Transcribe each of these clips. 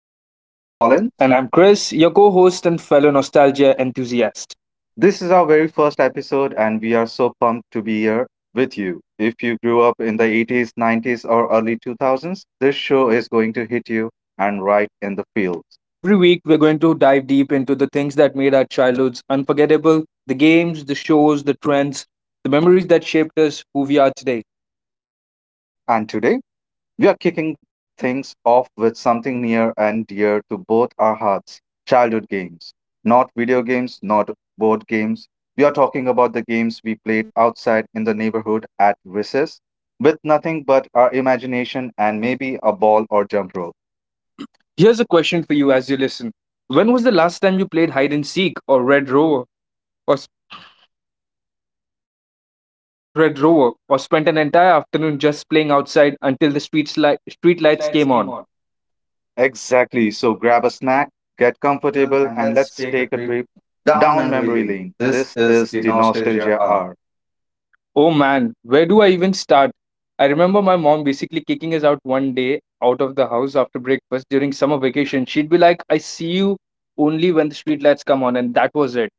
I'm your host Colin. And I'm Yeah. Chris, your co host and fellow nostalgia enthusiast. This is our very first episode, and we are so pumped to be here with you. If you grew up in the 80s, 90s, or early 2000s, this show is going to hit you and right in the feels. Every week, we're going to dive deep into the things that made our childhoods unforgettable, the games, the shows, the trends, the memories that shaped us who we are today. We are kicking things off with something near and dear to both our hearts childhood games. Not video games, not board games. We are talking about the games we played outside in the neighborhood at recess with nothing but our imagination and maybe a ball or jump rope. Here's a question for you as you listen. When was the last time you played hide and seek or Red Rover? Or s- or Red Rover, or spent an entire afternoon just playing outside until the street lights came on. Exactly. So grab a snack, get comfortable, and let's take a trip down memory lane. This is the nostalgia hour. Oh man, where do I even start? I remember my mom basically kicking us out one day out of the house after breakfast during summer vacation. She'd be like, I see you only when the streetlights come on, and that was it.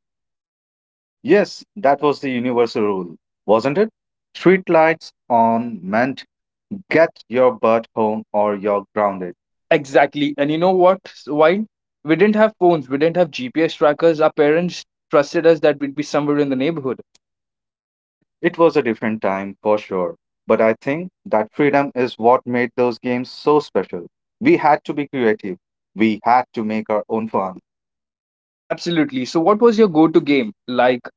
Yes, that was the universal rule, wasn't it? Street lights on, get your butt home or you're grounded. Exactly. And you know what? Why? We didn't have phones, we didn't have GPS trackers. Our parents trusted us that we'd be somewhere in the neighborhood. It was a different time for sure, but I think that freedom is what made those games so special. We had to be creative. We had to make our own fun. Absolutely. So, what was your go to game? Like,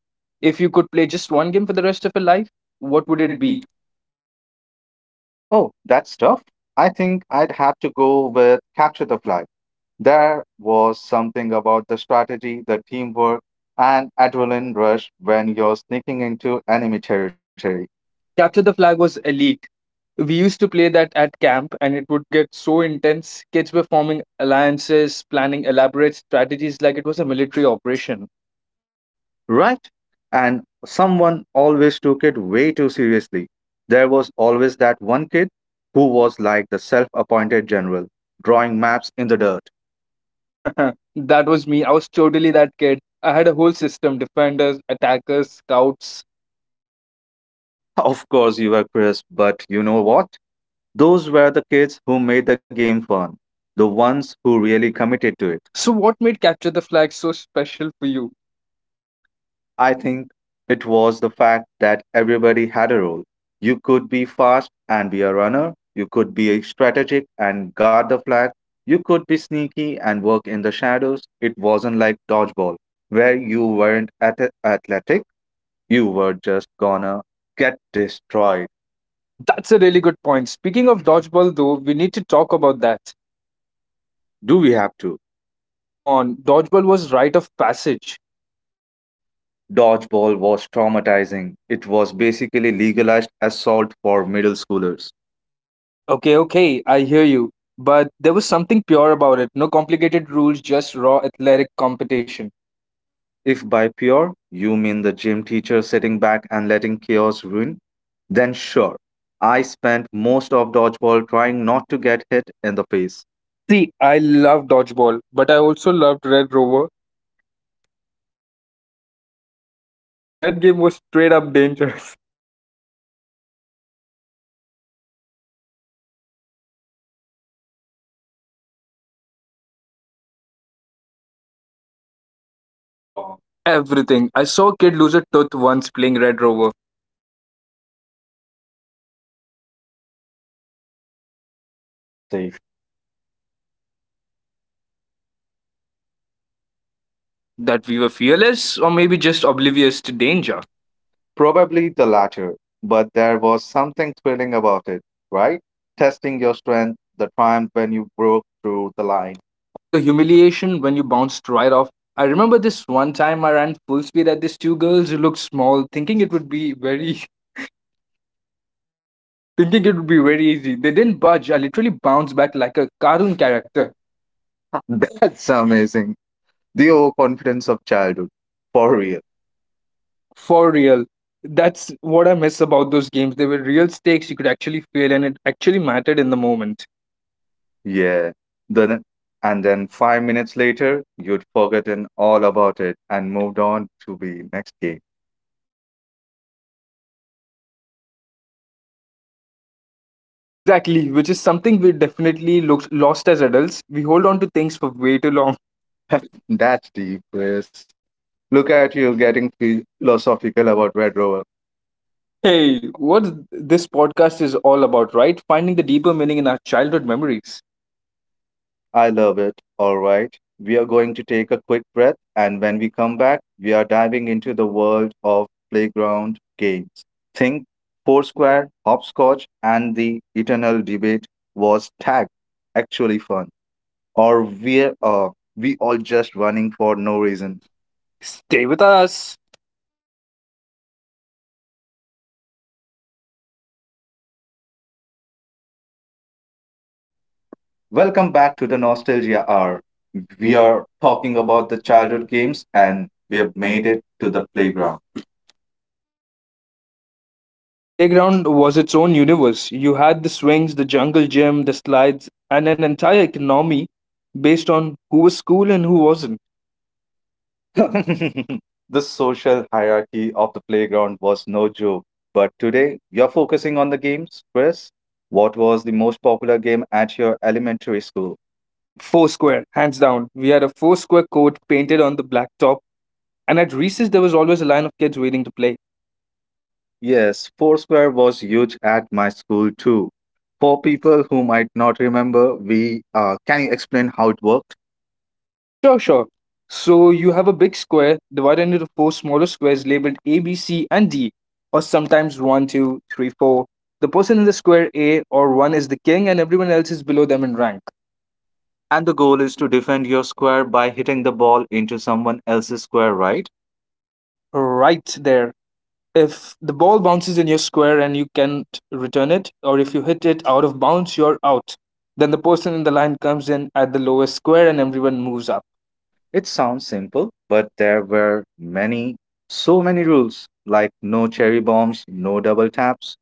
if you could play just one game for the rest of your life, what What would would it it be? be? Oh, that's tough. I think I'd have to go with Capture the Flag. There was something about the strategy, the teamwork, and adrenaline rush when you're sneaking into enemy territory. Capture the Flag was elite. We used to play that at camp, and it would get so intense. Kids were forming alliances, planning elaborate strategies like it was a military operation. Right? And someone always took it way too seriously. There was always that one kid who was like the self appointed general, drawing maps in the dirt. That was me. I was totally that kid. I had a whole system: defenders, attackers, scouts. Of course, you were crisp, but you know what? Those were the kids who made the game fun, the ones who really committed to it. So, what made Capture the Flag so special for you? I think it was the fact that everybody had a role. You could be fast and be a runner. You could be a strategic and guard the flag. You could be sneaky and work in the shadows. It wasn't like dodgeball, where you weren't athletic. You were just gonna get destroyed. That's a really good point. Speaking of dodgeball, though, we need to talk about that. Do we have to? Oh, come on. Dodgeball was rite of passage. Dodgeball was traumatizing. It was basically legalized assault for middle schoolers. Okay, okay, I hear you. But there was something pure about it. No complicated rules, just raw athletic competition. If by pure you mean the gym teacher sitting back and letting chaos ruin, then sure. I spent most of dodgeball trying not to get hit in the face. See, I love dodgeball, but I also loved Red Rover, and that game was straight up dangerous. Oh my god, Red Rover, how was that allowed? Hey kids, form a human chain and let someone run full speed at you trying to break through. What could go wrong? Everything. I saw a kid lose a tooth once playing Red Rover. And yet, we. Oh my god, let's see. Oh, and yet we all loved it. What does that say about us? That we were fearless, or maybe just oblivious to danger. Probably the latter, but there was something thrilling about it, right? Testing your strength, the triumph when you broke through the line. Or the humiliation when you bounced right off. I remember this one time I ran full speed at these two girls who looked small, thinking it would be very thinking it would be very easy. They didn't budge. I literally bounced back like a Are cartoon you character character? That's amazing. The overconfidence of childhood. For real. for real. That's what I miss about those games. They were real stakes you could actually feel, and it actually mattered in the moment. Yeah. Then and then 5 minutes later, you'd forgotten all about it and moved on to the next game. Exactly, which is something we definitely looked lost as adults. We hold on to things for way too long. That's deep, Chris. Look at you getting philosophical about Red Rover. Hey, what this podcast is all about, right? Finding the deeper meaning in our childhood memories. I love it. All right. We are going to take a quick breath, and when we come back, we are diving into the world of playground games. Think Foursquare, Hopscotch, and the Eternal Debate, was tag actually fun, or we all just running for no reason. Stay with us. Welcome back to the Nostalgia Hour. We are talking about the childhood games, and we have made it to the playground. The playground was its own universe. You had the swings, the jungle gym, the slides, and an entire economy based on who was cool and who wasn't. The social hierarchy of the playground was no joke. But today, you're focusing on the games, Chris. What was the most popular game at your elementary school? Foursquare, hands down. We had a foursquare court painted on the blacktop, and at recess there was always a line of kids waiting to play. Yes, Foursquare was huge at my school too. For people who might not remember, we can you explain how it worked? Sure, sure. So you have a big square divided into four smaller squares labeled A, B, C, and D, or sometimes one, 2, 3, 4. The person in the square A or 1 is the king, and everyone else is below them in rank. And the goal is to defend your square by hitting the ball into someone else's square, right? Right there. If the ball bounces in your square and you can't return it, or if you hit it out of bounds, you're out. Then the person in the line comes in at the lowest square and everyone moves up. It sounds simple, but there were many, so many rules like no cherry bombs, no double taps.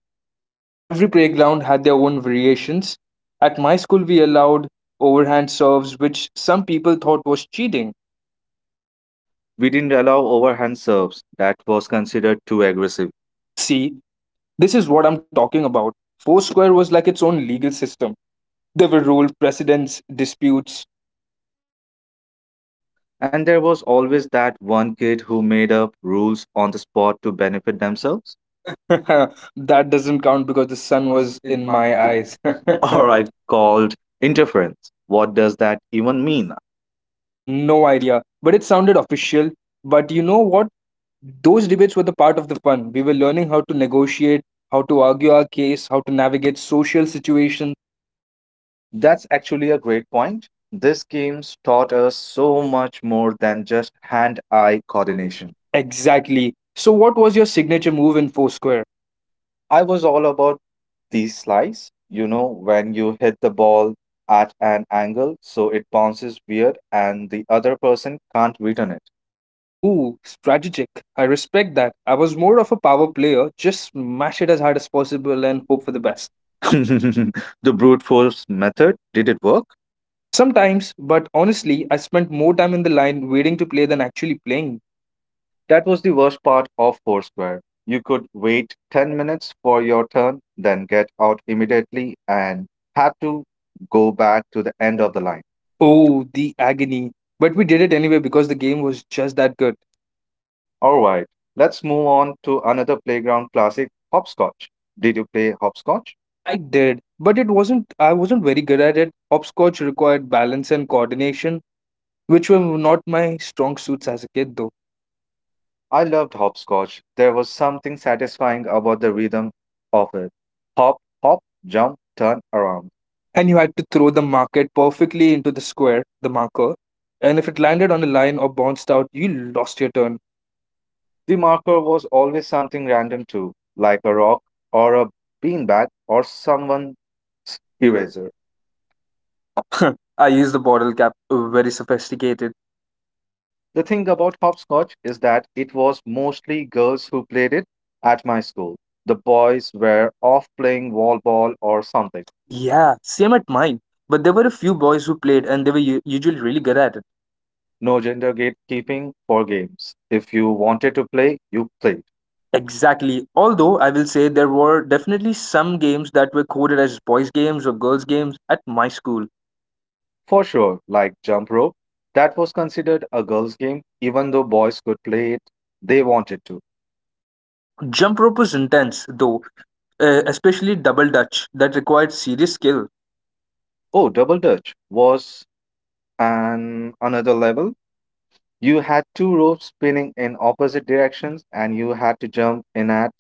Every playground had their own variations. At my school, we allowed overhand serves, which some people thought was cheating. We didn't allow overhand serves, that was considered too aggressive. See, this is what I'm talking about. Foursquare was like its own legal system. There were rules, precedents, disputes. And there was always that one kid who made up rules on the spot to benefit themselves. That doesn't count because the Sun sun was was in in my my eyes. eyes. Or I called interference. What does that even mean? No idea, but it sounded official. But you know what? Those debates were the part of the fun. We were learning how to negotiate, how to argue our case, how to navigate social situations. That's actually a great point. This games taught us so much more than just hand eye coordination. Exactly. So, what was your signature move in Foursquare? I was all about these slice, you know, when you hit the ball at an angle so it bounces weird and the other person can't return it. Oh, strategic. I respect that. I was more of a power player, just smash it as hard as Possible possible and and hope hope for for the the best. best. The brute force method, did it work? Sometimes, but honestly, I spent more time in the line waiting to play than actually playing. That was the worst part of Foursquare. You could wait 10 minutes for your turn, then get out immediately and have to go back to the end of the line. Oh, the agony. But we did it anyway because the game was just that good. All right, let's move on to another playground classic, hopscotch. Did you play hopscotch? I did, but it wasn't I wasn't very good at it. Hopscotch required balance and coordination, which were not my strong suits as a kid though. I loved hopscotch. There was something satisfying about the rhythm of it. Hop, hop, jump, turn around. And you had to throw the market perfectly into the square, the marker, and if it landed on a line or bounced out, you lost your turn. The marker was always something random too, like a rock or a beanbag or someone's eraser. I used the bottle cap, very sophisticated. The thing about hopscotch is that it was mostly girls who played it at my school. The boys were off playing wall ball or something. Yeah, same at mine. But there were a few boys who played and they were usually really good at it. No gender gatekeeping for games. If you wanted to play, you played. Exactly. Although I will say there were definitely some games that were coded as boys' games or girls' games at my school. For sure, like Jump Rope, that was considered a girls' game, even though boys could play it, they wanted to. Jump rope was intense, though, especially double dutch, that required serious skill. Oh, Double Dutch was an another level. You had two ropes spinning in opposite directions and you had to jump in at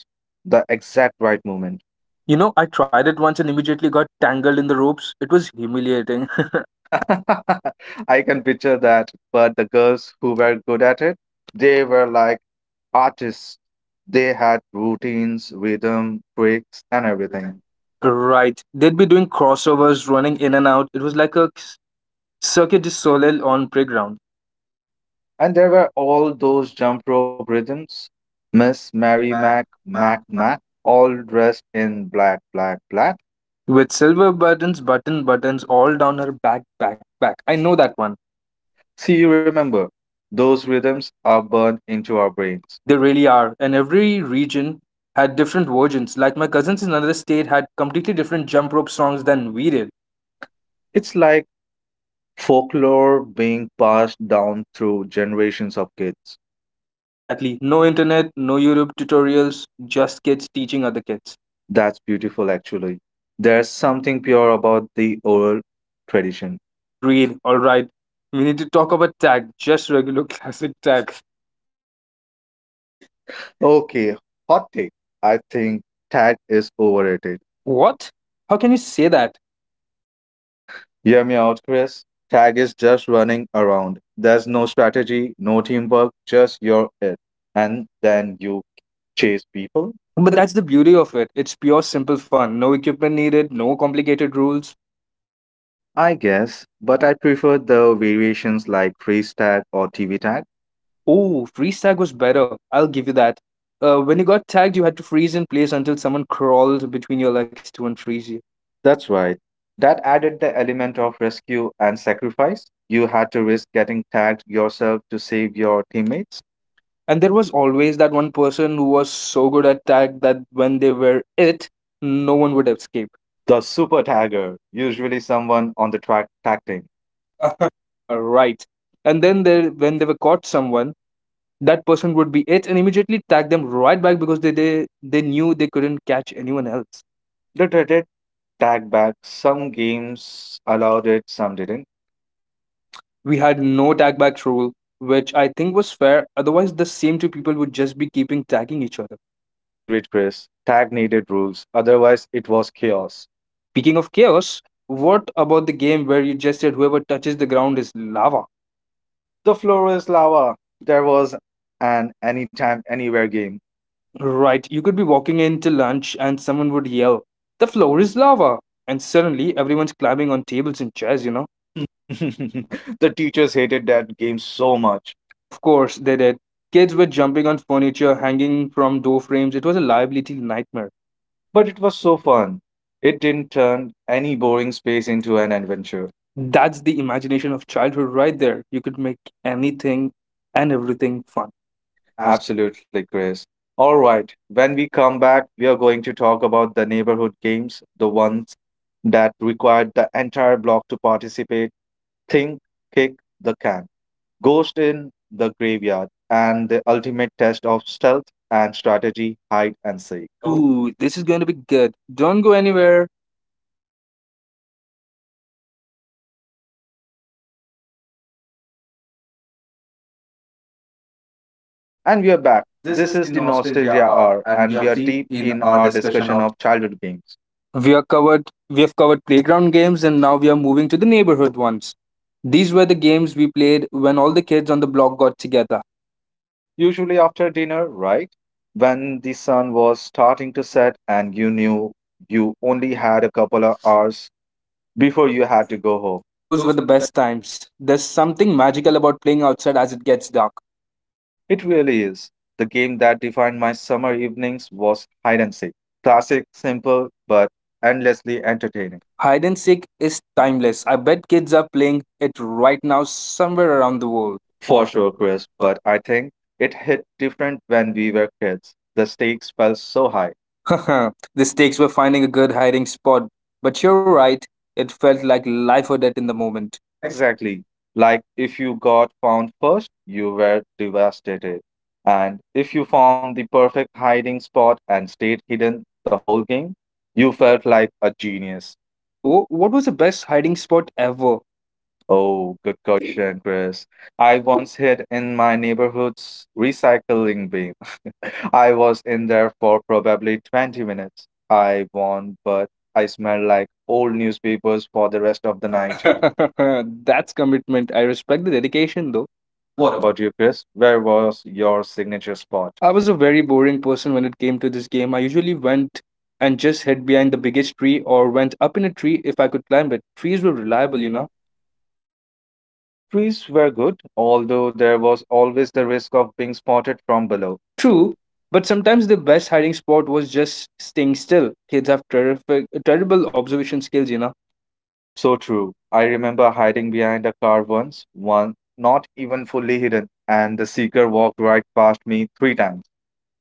the exact right moment. You know, I tried it once and immediately got tangled in the ropes. It was humiliating. I can picture that. But the girls who were good at it, they were like artists. They had routines, rhythm, tricks, and everything. Right. They'd be doing crossovers, running in and out. It was like a circuit du soleil on playground And there were all those jump rope rhythms. Miss Mary Mac, Mac, Mac, all dressed in black, black, black. with silver buttons, button, buttons all down her back, back, back. I know that one. See, you remember, those rhythms are burned into our brains. They really are. And every region had different versions. Like my cousins in another state had completely different jump rope songs than we did. It's like folklore being passed down through generations of kids. Exactly. No internet, no YouTube tutorials, just kids teaching other kids. That's beautiful, actually. There's something pure about the oral tradition. Agreed. All right. We need to talk about tag, just regular classic tag. Okay, hot take. I think tag is overrated. What? How can you say that? Hear me out, Chris. Tag is just running around. There's no strategy, no teamwork, just you're it. And then you chase people, But that's the beauty of it. It's pure simple fun. No equipment needed, no complicated rules. I guess. But I prefer the variations like freeze tag or TV tag. Oh, freeze tag was better. I'll give you that. When you got tagged, you had to freeze in place until someone crawled between your legs to unfreeze you. That's right. That added the element of rescue and sacrifice. You had to risk getting tagged yourself to save your teammates. And there was always that one person who was so good at tag that when they were it, no one would escape. The super tagger, usually someone on the track tag team, Right. And then they, when they were caught someone, that person would be it and immediately tag them right back because they knew they couldn't catch anyone else. did tag back. Some games allowed it, some didn't. We had no tag back rule, which I think was fair. Otherwise, the same two people would just be keeping tagging each other. Agreed, Chris. Tag needed rules, otherwise, it was chaos. Speaking of chaos, what about the game where you just said whoever touches the ground is lava? The floor is lava. There was an anytime, anywhere game. Right, you could be walking into lunch and someone would yell, the floor is lava! And suddenly everyone's climbing on tables and chairs, you You know? know? The teachers hated that game so much. Of course, they did. Kids were jumping on furniture, hanging from door frames. It was a liability nightmare. But it was so fun. It didn't turn any boring space into an adventure. That's the imagination of childhood right there. You could make anything and everything fun. Absolutely, Chris. All right, when we come back, we are going to talk about the neighborhood games, the ones that required the entire block to participate. Think, kick the can, ghost in the graveyard, and the ultimate test of stealth and strategy, hide and seek. Oh. Oh, this is going to be good. Don't go anywhere. And we are back. This is the Nostalgia Hour, and we are deep in our discussion of childhood games. We have covered playground games and now we are moving to the neighborhood ones. These were the games we played when all the kids on the block got together. Usually after dinner, right? When the sun was starting to set and you knew you only had a couple of hours before you had to go home. Those Those were were the the best. best times. There's something magical about playing outside as it gets dark. It really is. The game that defined my summer evenings was hide and seek. Classic, simple, but endlessly entertaining. Hide and seek is timeless. I bet kids are playing it right now somewhere around the Cool. world. For sure, Chris, but I think it hit different when we were kids. The stakes felt so high. The stakes were finding a good hiding spot, but you're right, it felt like life or death in the moment. Exactly. Like if you got found first, you were devastated. And if you found the perfect hiding spot and stayed hidden the whole game, you felt like a genius. So, what was the best hiding spot ever? Oh, good question, Chris. I once hid in my neighborhood's recycling bin. I was in there for probably 20 minutes. I won, but I smelled like old newspapers for the rest of the night. That's commitment. I respect the dedication though. What about you, Chris? Where was your signature spot? I was a very boring person when it came to this game. I usually went and just hid behind the biggest tree or went up in a tree if I could climb it. Trees So were reliable, reliable, you you know. know. Trees were good, although there was always the risk of being spotted from below. True, True. but sometimes the best hiding spot was just staying still. Kids have terrific, terrible observation skills, you know. So true. I remember hiding behind a car once, one not even fully hidden, and the seeker walked right past me three times.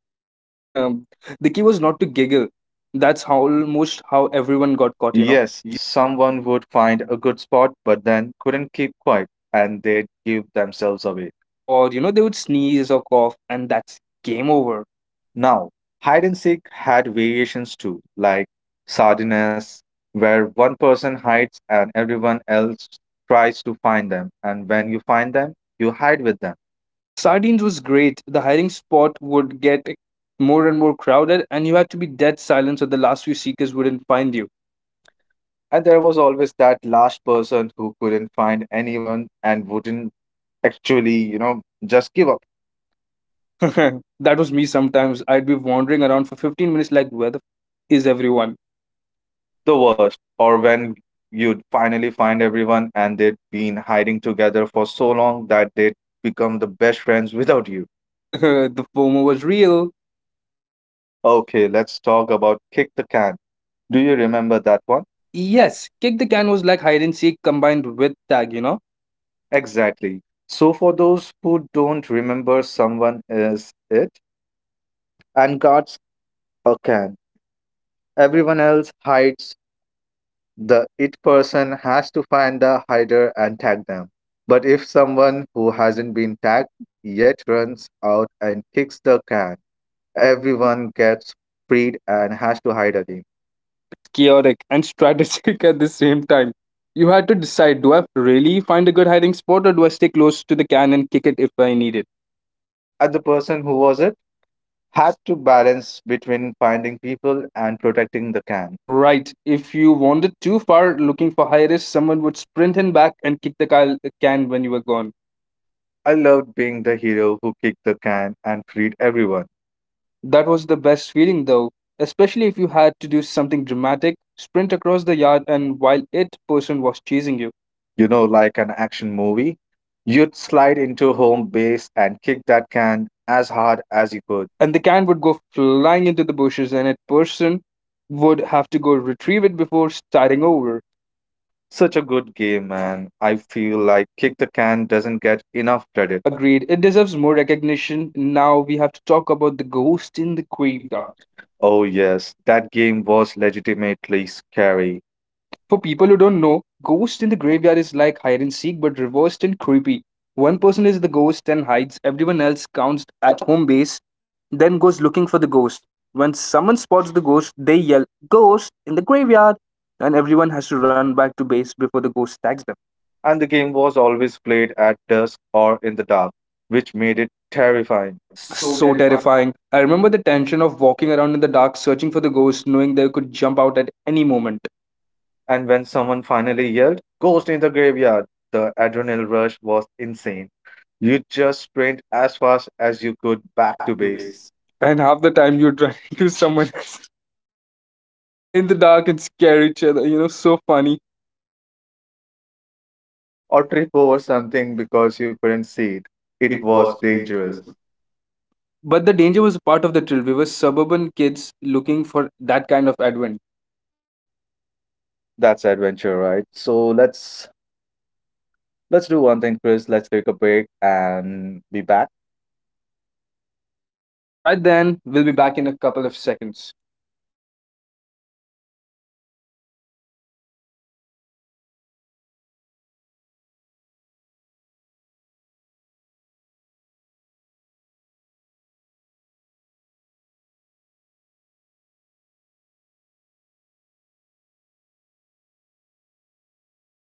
The key was not to giggle. That's how almost how But everyone you know, got caught, you know. yes, someone would find a good spot, but then couldn't keep quiet, and they'd give themselves away. Or, you know, they would sneeze or cough and that's game over. Now, hide and seek had variations too, like sardines, where one person hides and everyone else tries to find them, and when you find them, you hide with them. Sardines was great. The hiring spot would get more and more crowded, and you had to be dead silent so the last few seekers wouldn't find you. And there was always that last person who couldn't find anyone and wouldn't actually, you know, just give up. That was me sometimes. I'd be wandering around for 15 minutes, like, is everyone? The worst, or when you'd finally find everyone and they'd been hiding together for so long that they'd become the best friends without you. The FOMO was real. Okay, let's talk about kick the can. Do you remember that one? Yes. Yes, kick the can was like hide and seek combined with tag, you know? Exactly. So, for those who don't remember, someone is it and guards a can. Everyone else hides. The it person has to find the hider and tag them. But if someone who hasn't been tagged yet runs out and kicks the can, everyone gets freed and has to hide again. It was chaotic and strategic at the same time. You had to decide do I really find a good hiding spot or do I stay close to the can and kick it if I need it? And the person who was it had to balance between finding people and protecting the can. Right. If you wandered too far looking for high risk, someone would sprint in back and kick the can when you were gone. I loved being the hero who kicked the can and freed everyone. That was the best feeling, though, especially if you had to do something dramatic, sprint across the yard, and while it person was chasing you. You know, like an action movie, you'd slide into home base and kick that can as hard as you could. And the can would go flying into the bushes, and it person would have to go retrieve it before starting over. Such a good game, man. I feel like Kick the Can doesn't get enough credit. Agreed. It deserves more recognition. Now we have to talk about the ghost in the graveyard. Oh, yes, that game was legitimately scary. For people who don't know, Ghost in the Graveyard is like hide and seek but reversed and creepy. One person is the ghost and hides, everyone else counts at home base, then goes looking for the ghost. When someone spots the ghost, they yell, Ghost in the graveyard! And everyone has to run back to base before the ghost tags them. And the game was always played at dusk or in the dark, which made it terrifying. So terrifying. I remember the tension of walking around in the dark searching for the ghost, knowing they could jump out at any moment. And when someone finally yelled, Ghost in the graveyard, the adrenaline rush was insane. You just sprint as fast as you could back to base And half the time you're trying to someone else in the dark and scare each other. You know, so funny. or trip over something because you couldn't see it. It was dangerous. But the danger was part of the thrill. We were suburban kids looking for that kind of advent. That's adventure, right? So let's do one thing, Chris. Let's take a break and be back. All right, then, we'll be back in a couple of seconds.